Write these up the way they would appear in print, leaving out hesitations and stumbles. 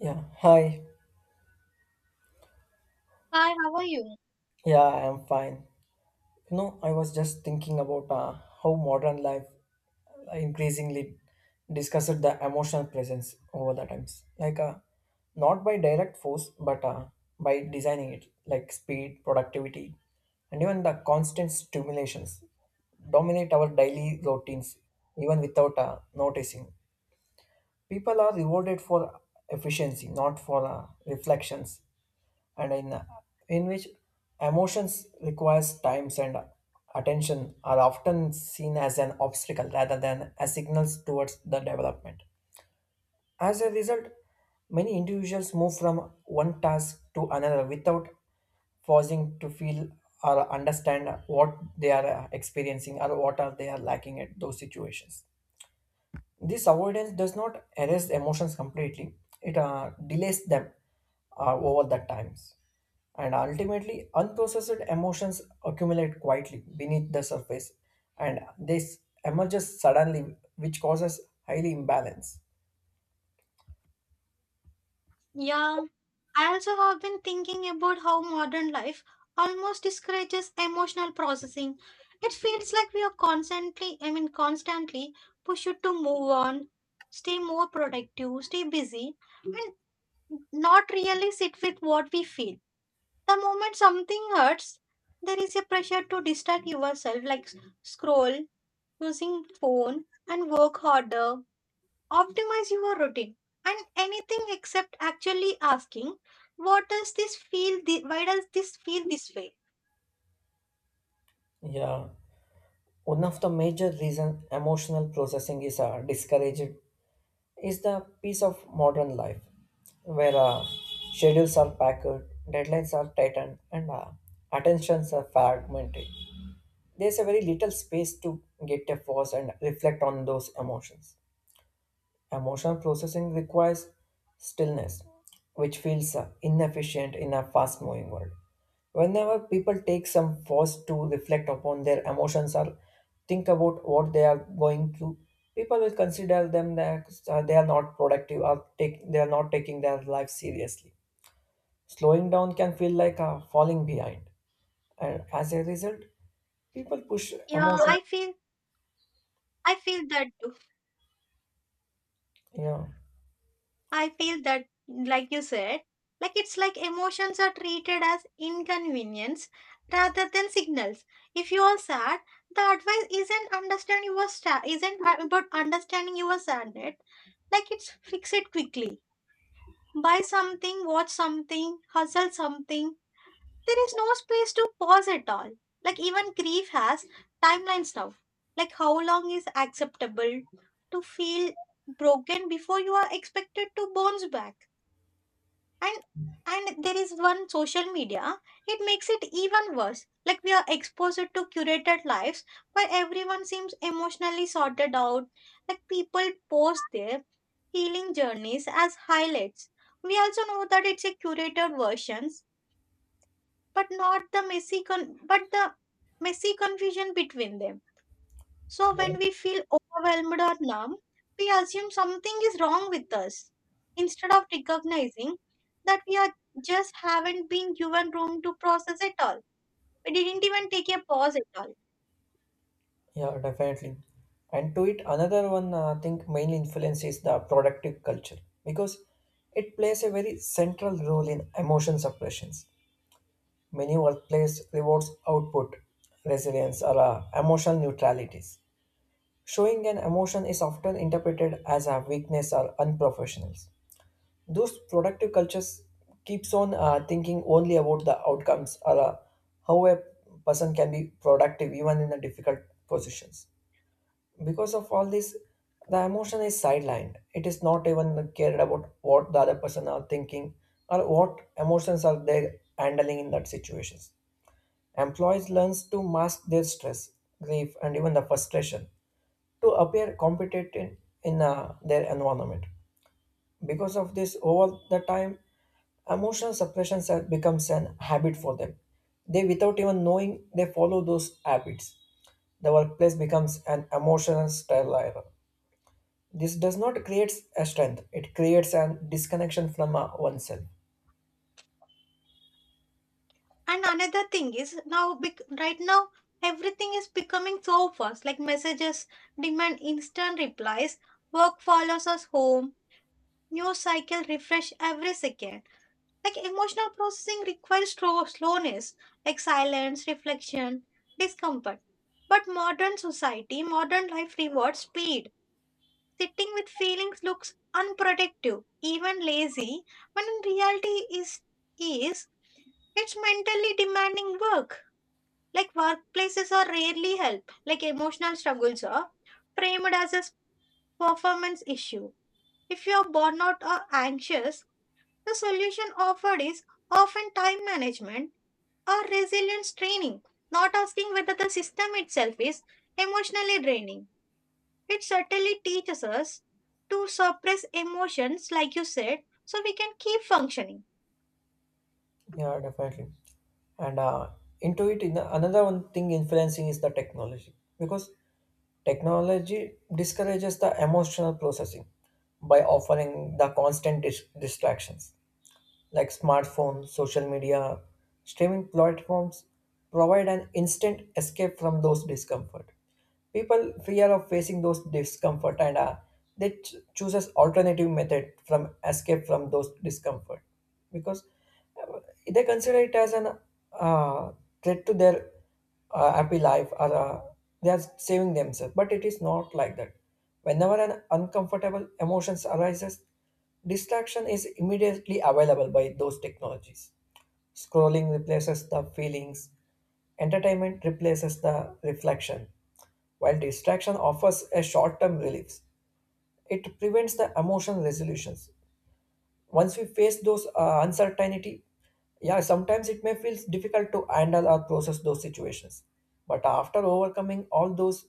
Yeah, hi. Hi, how are you? Yeah, I am fine. You know, I was just thinking about how modern life increasingly discussed the emotional presence over the times. Like, not by direct force, but by designing it, like speed, productivity, and even the constant stimulations dominate our daily routines, even without noticing. People are rewarded for efficiency, not for reflections and in which emotions requires times and attention are often seen as an obstacle rather than as signals towards the development. As a result, many individuals move from one task to another without pausing to feel or understand what they are experiencing or what are they are lacking at those situations. This avoidance does not erase emotions completely, it delays them over the times. And ultimately, unprocessed emotions accumulate quietly beneath the surface, and this emerges suddenly, which causes highly imbalance. Yeah, I also have been thinking about how modern life almost discourages emotional processing. It feels like we are constantly, constantly pushed to move on, stay more productive, stay busy, and not really sit with what we feel. The moment something hurts, there is a pressure to distract yourself, like scroll, using phone, and work harder, optimize your routine and anything except actually asking, what does this feel? Why does this feel this way? Yeah, one of the major reason emotional processing is discouraged is the piece of modern life, where schedules are packed, deadlines are tightened, and attentions are fragmented. There's a very little space to get a pause and reflect on those emotions. Emotional processing requires stillness, which feels inefficient in a fast moving world. Whenever people take some pause to reflect upon their emotions or think about what they are going through, people will consider them that they are not productive or they are not taking their life seriously. Slowing down can feel like falling behind, and as a result, people push Yeah, emotions. I feel that too. Yeah, I feel that, like you said, like it's like emotions are treated as inconvenience rather than signals. If you are sad, the advice isn't about understanding your sadness. Like it's fix it quickly. Buy something, watch something, hustle something. There is no space to pause at all. Like even grief has timelines now. Like how long is acceptable to feel broken before you are expected to bounce back? And and there is one social media. It makes it even worse. Like we are exposed to curated lives where everyone seems emotionally sorted out. Like people post their healing journeys as highlights. We also know that it's a curated versions, but not the messy con- but the messy confusion between them. So yeah, when we feel overwhelmed or numb, we assume something is wrong with us instead of recognizing that we are just haven't been given room to process at all. We didn't even take a pause at all. yeah, Definitely. And to it, another one I think mainly influences the productive culture because it plays a very central role in emotion suppressions. Many workplace rewards output, resilience, or emotional neutralities. Showing an emotion is often interpreted as a weakness or unprofessionals. Those productive cultures keeps on thinking only about the outcomes or how a person can be productive even in the difficult positions. Because of all this, the emotion is sidelined. It is not even cared about what the other person are thinking or what emotions are they handling in that situations. Employees learns to mask their stress, grief, and even the frustration to appear competent in their environment. Because of this, over the time, emotional suppression becomes an habit for them. They, without even knowing, they follow those habits. The workplace becomes an emotional sterile. This does not create a strength. It creates a disconnection from oneself. And another thing is right now everything is becoming so fast, like messages demand instant replies, work follows us home, news cycle refresh every second. Like emotional processing requires slowness, like silence, reflection, discomfort. But modern society, modern life rewards speed. Sitting with feelings looks unproductive, even lazy, when in reality is it's mentally demanding work. Like workplaces are rarely help. Like emotional struggles are framed as a performance issue. If you are burnout or anxious, the solution offered is often time management or resilience training, not asking whether the system itself is emotionally draining. It certainly teaches us to suppress emotions, like you said, so we can keep functioning. Yeah, definitely. And into it, in another one thing influencing is the technology, because technology discourages the emotional processing by offering the constant distractions like smartphones, social media, streaming platforms provide an instant escape from those discomfort. People fear of facing those discomfort and they chooses alternative method from escape from those discomfort because uh, they consider it as an uh, threat to their happy life or they are saving themselves, but it is not like that. Whenever an uncomfortable emotions arises, distraction is immediately available by those technologies. Scrolling replaces the feelings, entertainment replaces the reflection. While distraction offers a short term relief, it prevents the emotional resolutions. Once we face those uncertainty, yeah, sometimes it may feel difficult to handle or process those situations. But after overcoming all those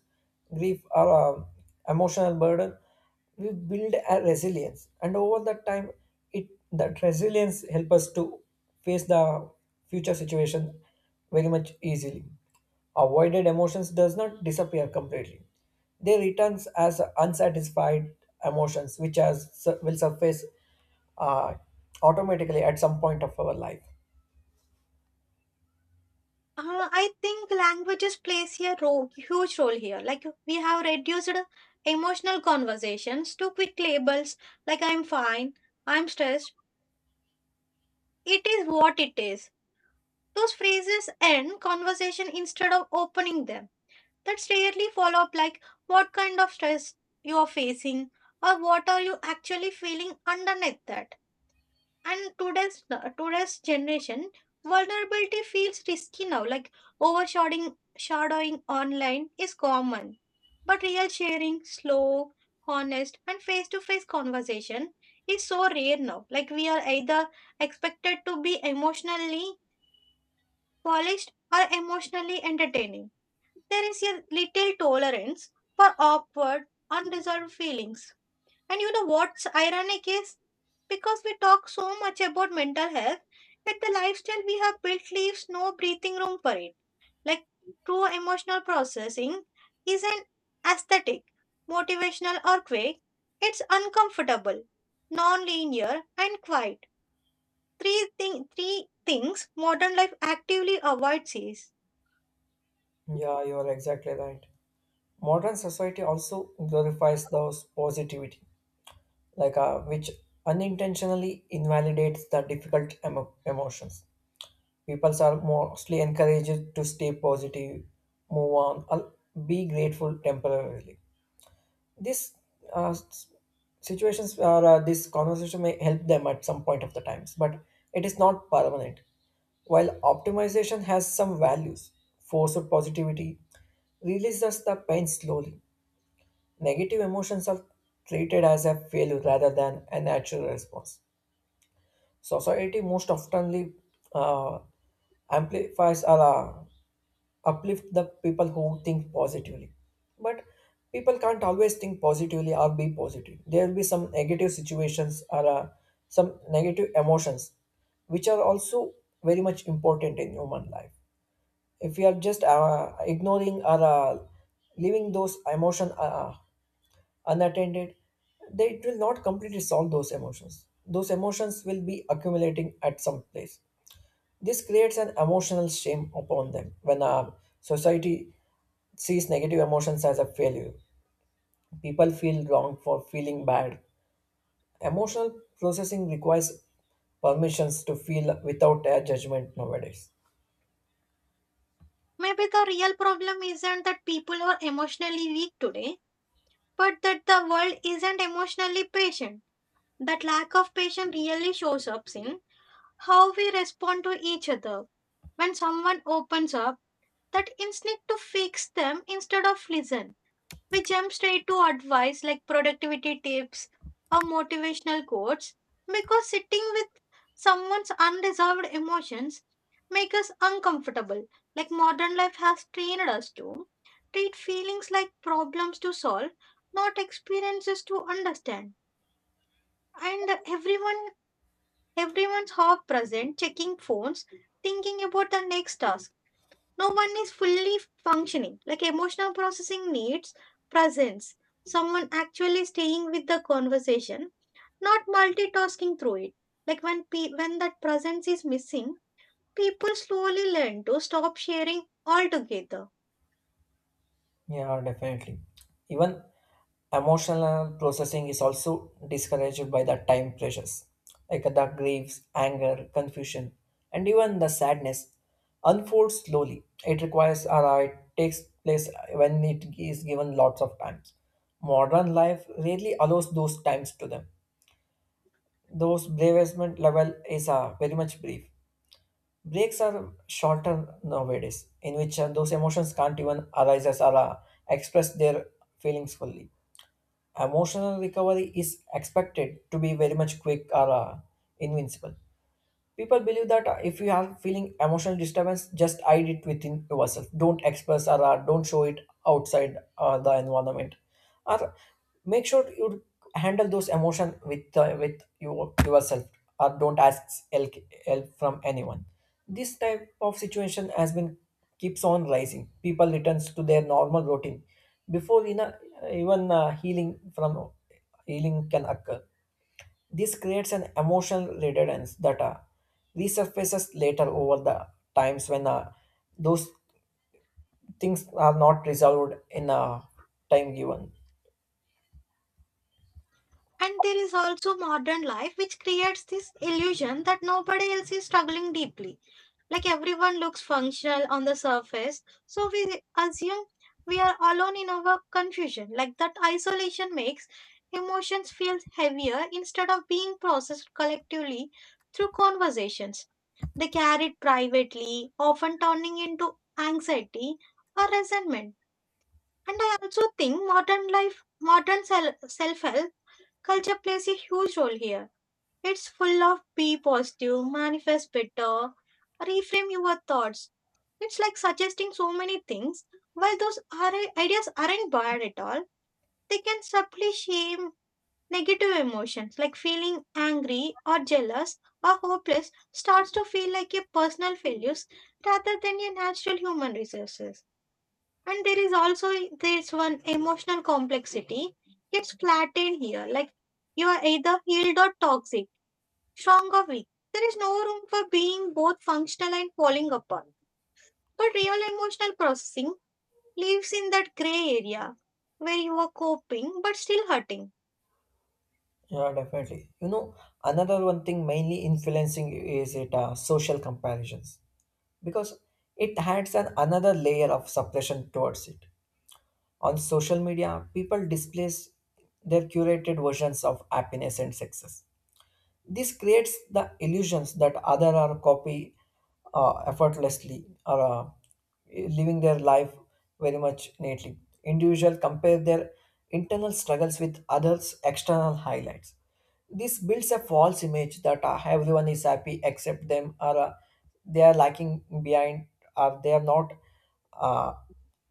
grief or emotional burden, we build a resilience, and over that time, it that resilience help us to face the future situation very much easily. Avoided emotions does not disappear completely; they returns as unsatisfied emotions, which as will surface uh, automatically at some point of our life. I think languages plays a role, huge role here. Like we have reduced emotional conversations to quick labels like I'm fine, I'm stressed, it is what it is. Those phrases end conversation instead of opening them. That's rarely follow up like what kind of stress you are facing or what are you actually feeling underneath that. And today's generation, vulnerability feels risky now, like overshadowing shadowing online is common, but real sharing, slow, honest and face to face conversation is so rare now. Like we are either expected to be emotionally polished or emotionally entertaining. There is a little tolerance for awkward, unresolved feelings. And you know what's ironic is because we talk so much about mental health, yet the lifestyle we have built leaves no breathing room for it. Like true emotional processing isn't aesthetic, motivational, or quick, it's uncomfortable, non linear, and quiet. Three things modern life actively avoids is. Yeah, you are exactly right. Modern society also glorifies those positivity, like which unintentionally invalidates the difficult emotions. People are mostly encouraged to stay positive, move on, or be grateful temporarily. These uh, s- situations or this conversation may help them at some point of the times, but it is not permanent. While optimization has some values, force of positivity releases the pain slowly. Negative emotions are treated as a failure rather than a natural response. Society most oftenly uh, amplifies or uplift the people who think positively. But people can't always think positively or be positive. There will be some negative situations or some negative emotions, which are also very much important in human life. If we are just ignoring or leaving those emotions unattended, they it will not completely solve those emotions. Those emotions will be accumulating at some place. This creates an emotional shame upon them. When a society sees negative emotions as a failure, people feel wrong for feeling bad. Emotional processing requires permissions to feel without a judgment nowadays. Maybe the real problem isn't that people are emotionally weak today, but that the world isn't emotionally patient. That lack of patience really shows up in how we respond to each other. When someone opens up, that instinct to fix them instead of listen. We jump straight to advice like productivity tips or motivational quotes because sitting with someone's unresolved emotions make us uncomfortable. Like modern life has trained us to treat feelings like problems to solve, not experiences to understand. And everyone's half present, checking phones, thinking about the next task. No one is fully functioning. Like emotional processing needs presence, someone actually staying with the conversation, not multitasking through it. Like when that presence is missing, people slowly learn to stop sharing altogether. Yeah, definitely. Even emotional processing is also discouraged by the time pressures, like the griefs, anger, confusion, and even the sadness unfolds slowly. It requires or it takes place when it is given lots of times. Modern life rarely allows those times to them. Those bravest level is very much brief. Breaks are shorter nowadays, in which those emotions can't even arise as or express their feelings fully. Emotional recovery is expected to be very much quick or invincible. People believe that if you are feeling emotional disturbance, just hide it within yourself. Don't express or don't show it outside the environment. Or make sure you handle those emotions with yourself, or don't ask help, help from anyone. This type of situation has been keeps on rising. People returns to their normal routine before even healing can occur. This creates an emotional redundance that resurfaces later over the times when those things are not resolved in a time given. And there is also modern life, which creates this illusion that nobody else is struggling deeply. Like everyone looks functional on the surface, so we assume we are alone in our confusion. Like that isolation makes emotions feel heavier instead of being processed collectively through conversations. They carried privately, often turning into anxiety or resentment. And I also think modern life, modern self help culture plays a huge role here. It's full of be positive, manifest better, reframe your thoughts. It's like suggesting so many things. While ideas aren't bad at all, they can subtly shame negative emotions, like feeling angry or jealous or hopeless starts to feel like a personal failures rather than a natural human resources. And there is also this one emotional complexity. It's flattened here. Like you are either healed or toxic, strong or weak. There is no room for being both functional and falling apart. But real emotional processing lives in that gray area where you are coping but still hurting. Yeah, definitely. You know, another one thing mainly influencing is it social comparisons, because it adds an another layer of suppression towards it. On social media, people displays their curated versions of happiness and success. This creates the illusions that other are copy effortlessly or living their life very much neatly. Individual compare their internal struggles with others' external highlights. This builds a false image that everyone is happy except them, or they are lacking behind, or they are uh,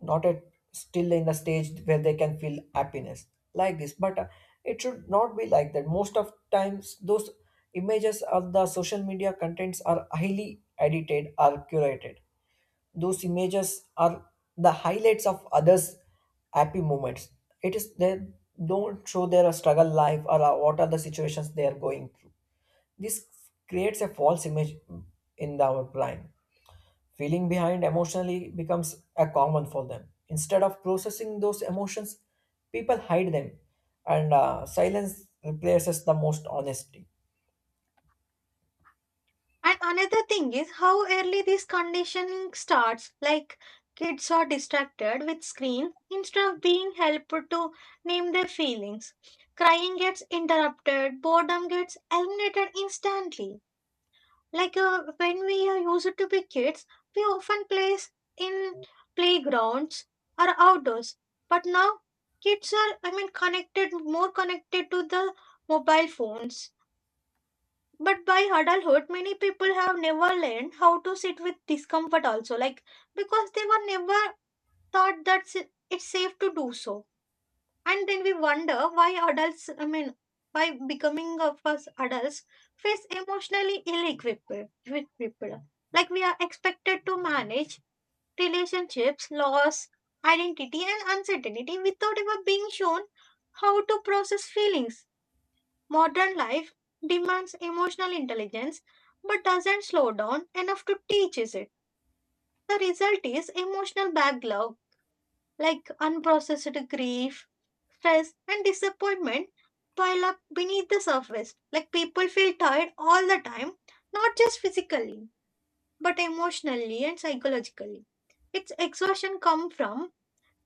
not at still in the stage where they can feel happiness like this. But it should not be like that. Most of times, those images of the social media contents are highly edited or curated. Those images are the highlights of others' happy moments. It is they don't show their struggle life or what are the situations they are going through. This creates a false image in the our brain. Feeling behind emotionally becomes a common for them. Instead of processing those emotions, people hide them, and silence replaces the most honesty. And another thing is how early this conditioning starts. Like kids are distracted with screen instead of being helped to name their feelings. Crying gets interrupted, boredom gets eliminated instantly. Like when we are used to be kids, we often play in playgrounds or outdoors. But now kids are, connected, more connected to the mobile phones. But by adulthood, many people have never learned how to sit with discomfort also, like because they were never taught that it's safe to do so. And then we wonder why adults, by becoming of us adults, face emotionally ill-equipped with people. Like we are expected to manage relationships, loss, identity, and uncertainty without ever being shown how to process feelings. Modern life demands emotional intelligence but doesn't slow down enough to teach us it. The result is emotional backlog, like unprocessed grief, stress, and disappointment pile up beneath the surface. Like people feel tired all the time, not just physically, but emotionally and psychologically. Its exhaustion comes from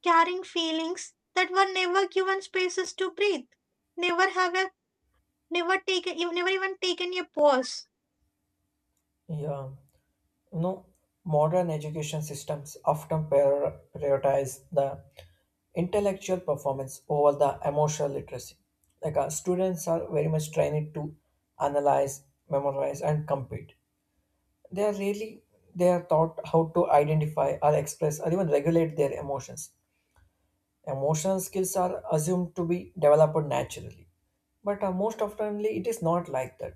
carrying feelings that were never given spaces to breathe, never have a never even taken a pause. Yeah, you know, modern education systems often prioritize the intellectual performance over the emotional literacy. Like our students are very much trained to analyze, memorize, and compete. They are really they are taught how to identify or express or even regulate their emotions. Emotional skills are assumed to be developed naturally, but most oftenly it is not like that.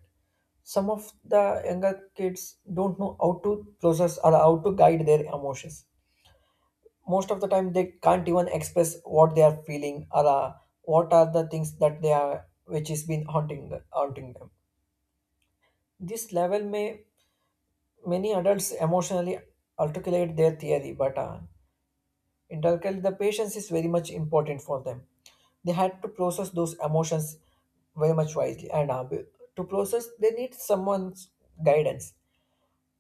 Some of the younger kids don't know how to process or how to guide their emotions. Most of the time, they can't even express what they are feeling or what are the things that they are, which has been haunting them. This level may many adults emotionally articulate their theory, but in Turkey, the patience is very much important for them. They had to process those emotions very much wisely, and to process, they need someone's guidance.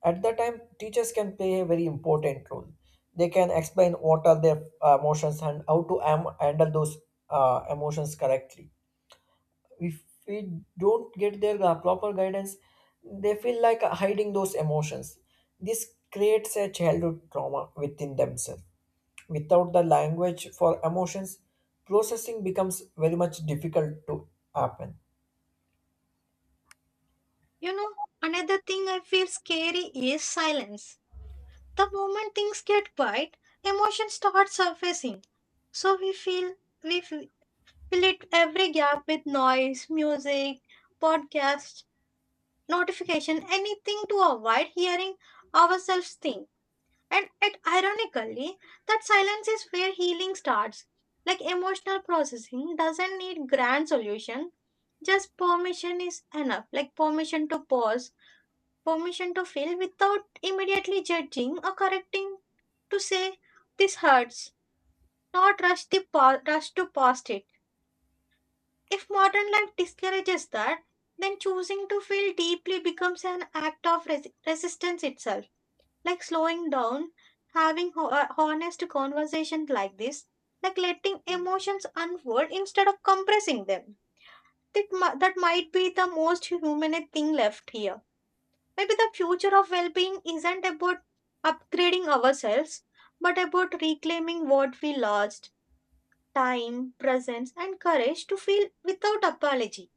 At that time, teachers can play a very important role. They can explain what are their emotions and how to handle those emotions correctly. If we don't get their proper guidance, they feel like hiding those emotions. This creates a childhood trauma within themselves. Without the language for emotions, processing becomes very much difficult to happen. You know, another thing I feel scary is silence. The moment things get quiet, emotions start surfacing. So we feel we fe- fill it every gap with noise, music, podcast, notification, anything to avoid hearing ourselves think. And it ironically, that silence is where healing starts. Like emotional processing doesn't need grand solution. Just permission is enough. Like permission to pause, permission to feel without immediately judging or correcting, to say this hurts, not rush to past it. If modern life discourages that, then choosing to feel deeply becomes an act of resistance itself. Like slowing down, having honest conversations like this, like letting emotions unfold instead of compressing them. That might be the most human thing left here. Maybe the future of well being isn't about upgrading ourselves, but about reclaiming what we lost, time, presence, and courage to feel without apology.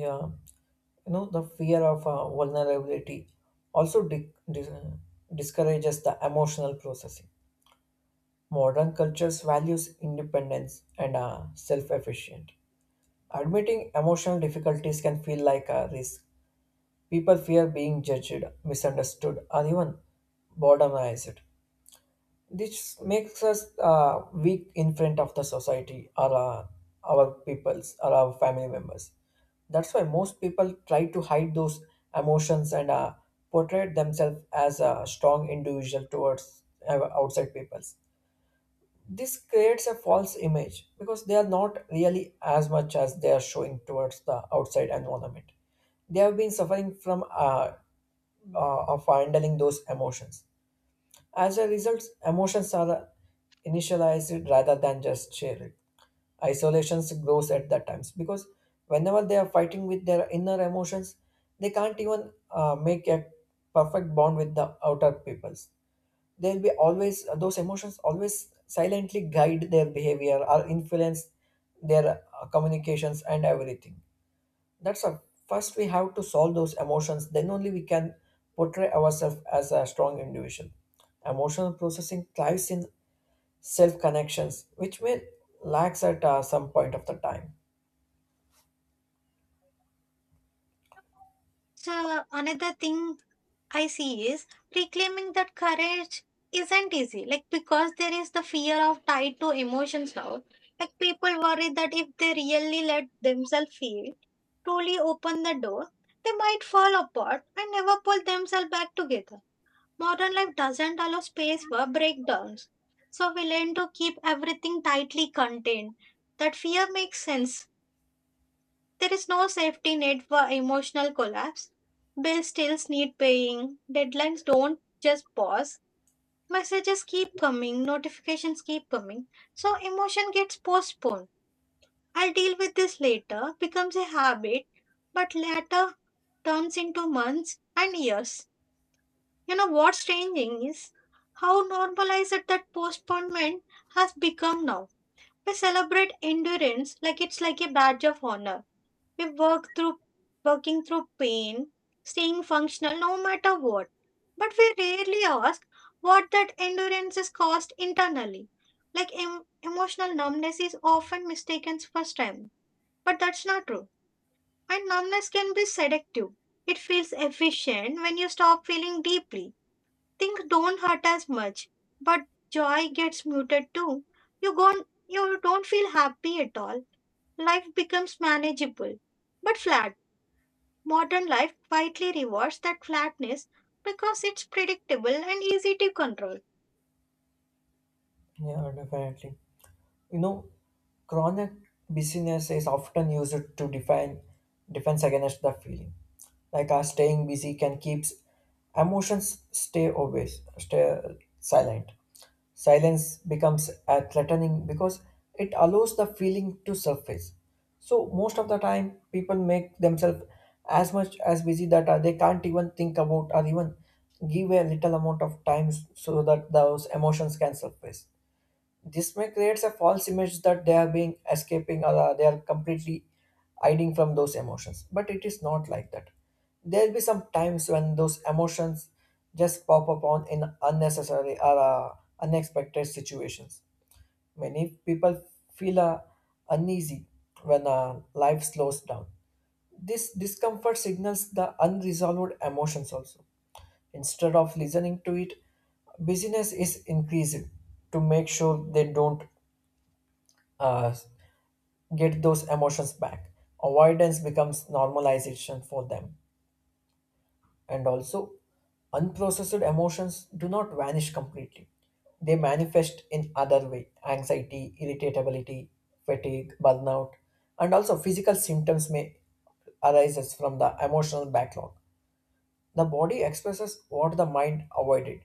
Yeah, you know, the fear of vulnerability also discourages the emotional processing. Modern cultures values independence and self-efficient. Admitting emotional difficulties can feel like a risk. People fear being judged, misunderstood, or even boredomized. This makes us weak in front of the society or our peoples or our family members. That's why most people try to hide those emotions and portray themselves as a strong individual towards outside peoples. This creates a false image because they are not really as much as they are showing towards the outside environment. They have been suffering from of handling those emotions. As a result, emotions are initialized rather than just shared. Isolations grows at that times because whenever they are fighting with their inner emotions, they can't even make a perfect bond with the outer peoples. They'll be always those emotions always silently guide their behavior or influence their communications and everything. That's a first we have to solve those emotions then only we can portray ourselves as a strong individual. Emotional processing thrives in self connections which may lacks at some point of the time. So, another thing I see is reclaiming that courage isn't easy, like because there is the fear of tied to emotions now. Like people worry that if they really let themselves feel, truly open the door, they might fall apart and never pull themselves back together. Modern life doesn't allow space for breakdowns, so we learn to keep everything tightly contained. That fear makes sense. There is no safety net for emotional collapse. Bills still need paying, deadlines don't just pause, messages keep coming, notifications keep coming, so emotion gets postponed. I'll deal with this later becomes a habit, but later turns into months and years. You know what's changing is how normalized that postponement has become now. We celebrate endurance like it's like a badge of honor. We work through Working through pain, staying functional no matter what. But we rarely ask what that endurance is cost internally. Like emotional numbness is often mistaken for strength, but that's not true. And numbness can be seductive. It feels efficient when you stop feeling deeply. Things don't hurt as much, but joy gets muted too. You gon you don't feel happy at all. Life becomes manageable, but flat. Modern life quietly rewards that flatness because it's predictable and easy to control. Yeah, definitely. You know, chronic busyness is often used to define defense against the feeling. Like our staying busy can keep emotions stay silent. Silence becomes threatening because it allows the feeling to surface. So most of the time, people make themselves as much as busy that they can't even think about or even give a little amount of time so that those emotions can surface. This may create a false image that they are being escaping or they are completely hiding from those emotions. But it is not like that. There'll be some times when those emotions just pop up on in unnecessary or unexpected situations. Many people feel uneasy when life slows down. This discomfort signals the unresolved emotions also. Instead of listening to it, business is increased to make sure they don't uh, get those emotions back. Avoidance becomes normalization for them. And also, unprocessed emotions do not vanish completely. They manifest in other way: anxiety, irritability, fatigue, burnout, and also physical symptoms may arise from the emotional backlog. The body expresses what the mind avoided,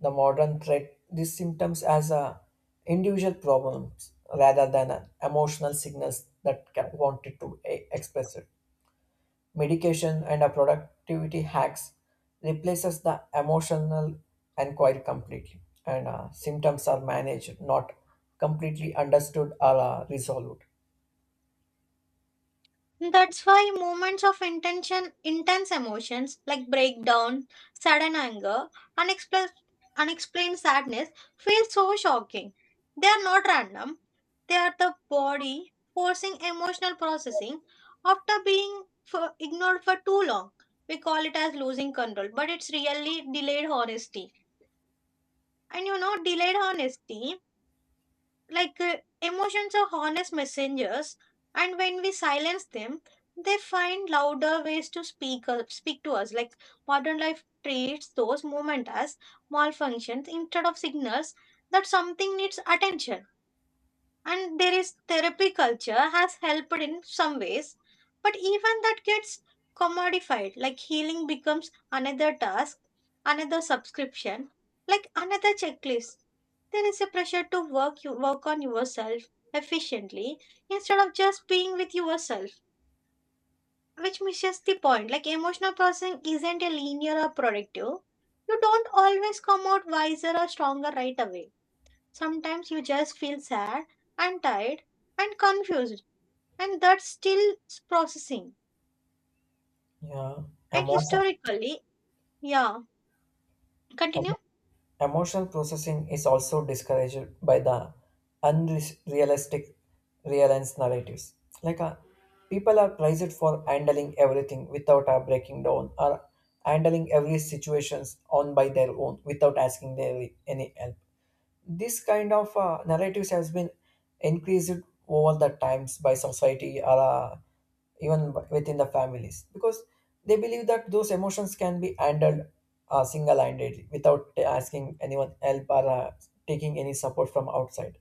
the modern treat these symptoms as a individual problems rather than a emotional signals that wanted to express it. Medication and a productivity hacks replaces the emotional inquiry completely, and symptoms are managed, not completely understood or resolved. That's why moments of intense emotions like breakdown, sudden anger, unexplained, unexplained sadness feel so shocking. They are not random. They are the body forcing emotional processing after being ignored for too long. We call it as losing control, but it's really delayed honesty. And you know, delayed honesty, like emotions are honest messengers, and when we silence them, they find louder ways to speak to us. Like modern life treats those moments as malfunctions instead of signals that something needs attention. And there is therapy culture has helped in some ways, but even that gets commodified. Like healing becomes another task, another subscription, like another checklist. There is a pressure to work you work on yourself efficiently instead of just being with yourself, which misses the point. Like emotional processing isn't a linear or productive, you don't always come out wiser or stronger right away. Sometimes you just feel sad and tired and confused, and that's still processing. Yeah, And emotion. historically, yeah, continue, Emotional processing is also discouraged by the unrealistic reliance narratives. Like people are praised for handling everything without breaking down or handling every situations on by their own without asking their any help. This kind of narratives has been increased over the times by society or even within the families because they believe that those emotions can be handled single-handedly without asking anyone help or taking any support from outside.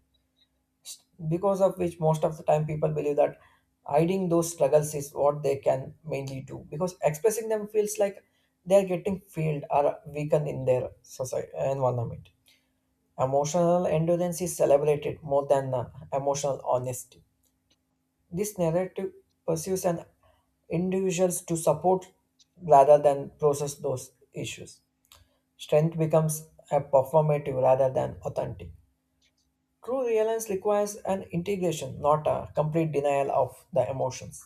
Because of which most of the time people believe that hiding those struggles is what they can mainly do because expressing them feels like they are getting failed or weakened in their society environment. Emotional endurance is celebrated more than emotional honesty. This narrative pursues an individuals to support rather than process those issues. Strength becomes a performative rather than authentic. True reliance requires an integration, not a complete denial of the emotions.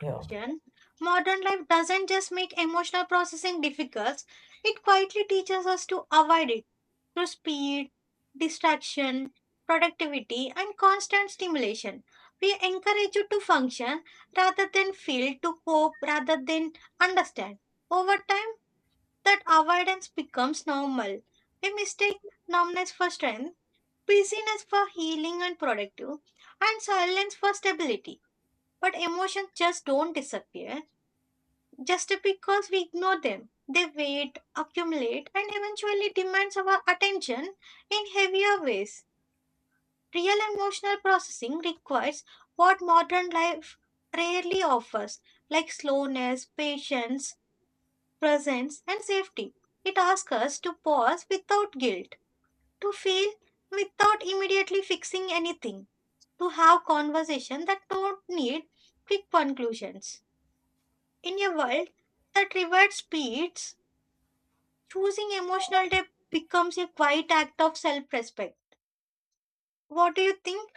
Yeah, Bhushan. Modern life doesn't just make emotional processing difficult, it quietly teaches us to avoid it through speed, distraction, productivity, and constant stimulation. We encourage you to function rather than feel, to cope rather than understand. Over time, that avoidance becomes normal. We mistake numbness for strength, busyness for healing and productive, and silence for stability. But emotions just don't disappear just because we ignore them. They wait, accumulate, and eventually demands our attention in heavier ways. Real emotional processing requires what modern life rarely offers, like slowness, patience, presence, and safety. It asks us to pause without guilt, to feel without immediately fixing anything, to have conversations that don't need quick conclusions. In a world that rewards speeds, choosing emotional depth becomes a quiet act of self respect. What do you think?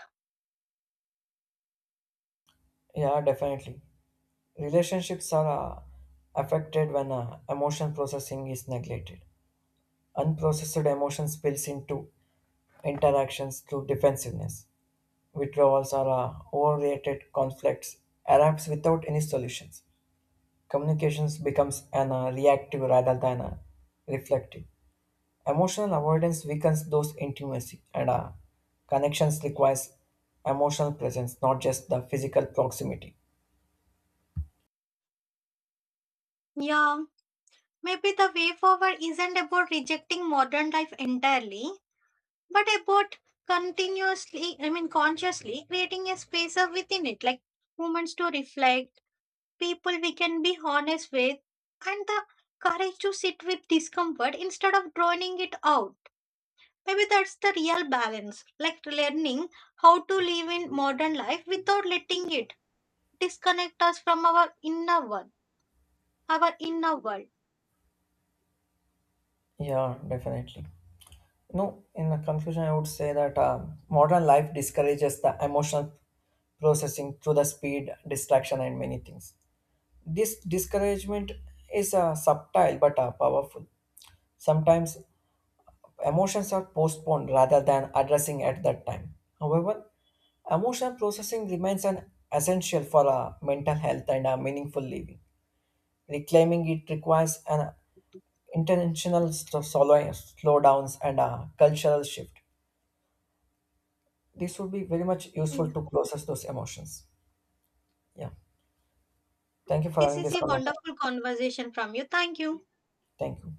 yeah, definitely. Relationships are affected when emotion processing is neglected. Unprocessed emotion spills into interactions through defensiveness. Withdrawals are overreacted conflicts, erupts without any solutions. Communications becomes an reactive rather than a reflective. Emotional avoidance weakens those intimacy and connections requires emotional presence, not just the physical proximity. Yeah, maybe the way forward isn't about rejecting modern life entirely, but about continuously I mean consciously creating a space of within it, like moments to reflect, people we can be honest with, and the courage to sit with discomfort instead of drowning it out. Maybe that's the real balance, like learning how to live in modern life without letting it disconnect us from our inner world. Yeah, definitely. No, in the conclusion, I would say that modern life discourages the emotional processing through the speed, distraction, and many things. This discouragement is subtle but powerful. Sometimes emotions are postponed rather than addressing at that time. However, emotional processing remains an essential for mental health and meaningful living. Reclaiming it requires an intentional slowdowns and a cultural shift. This would be very much useful Yeah. to process those emotions. Yeah. Thank you for This having is this a conversation. wonderful conversation from you, thank you. Thank you.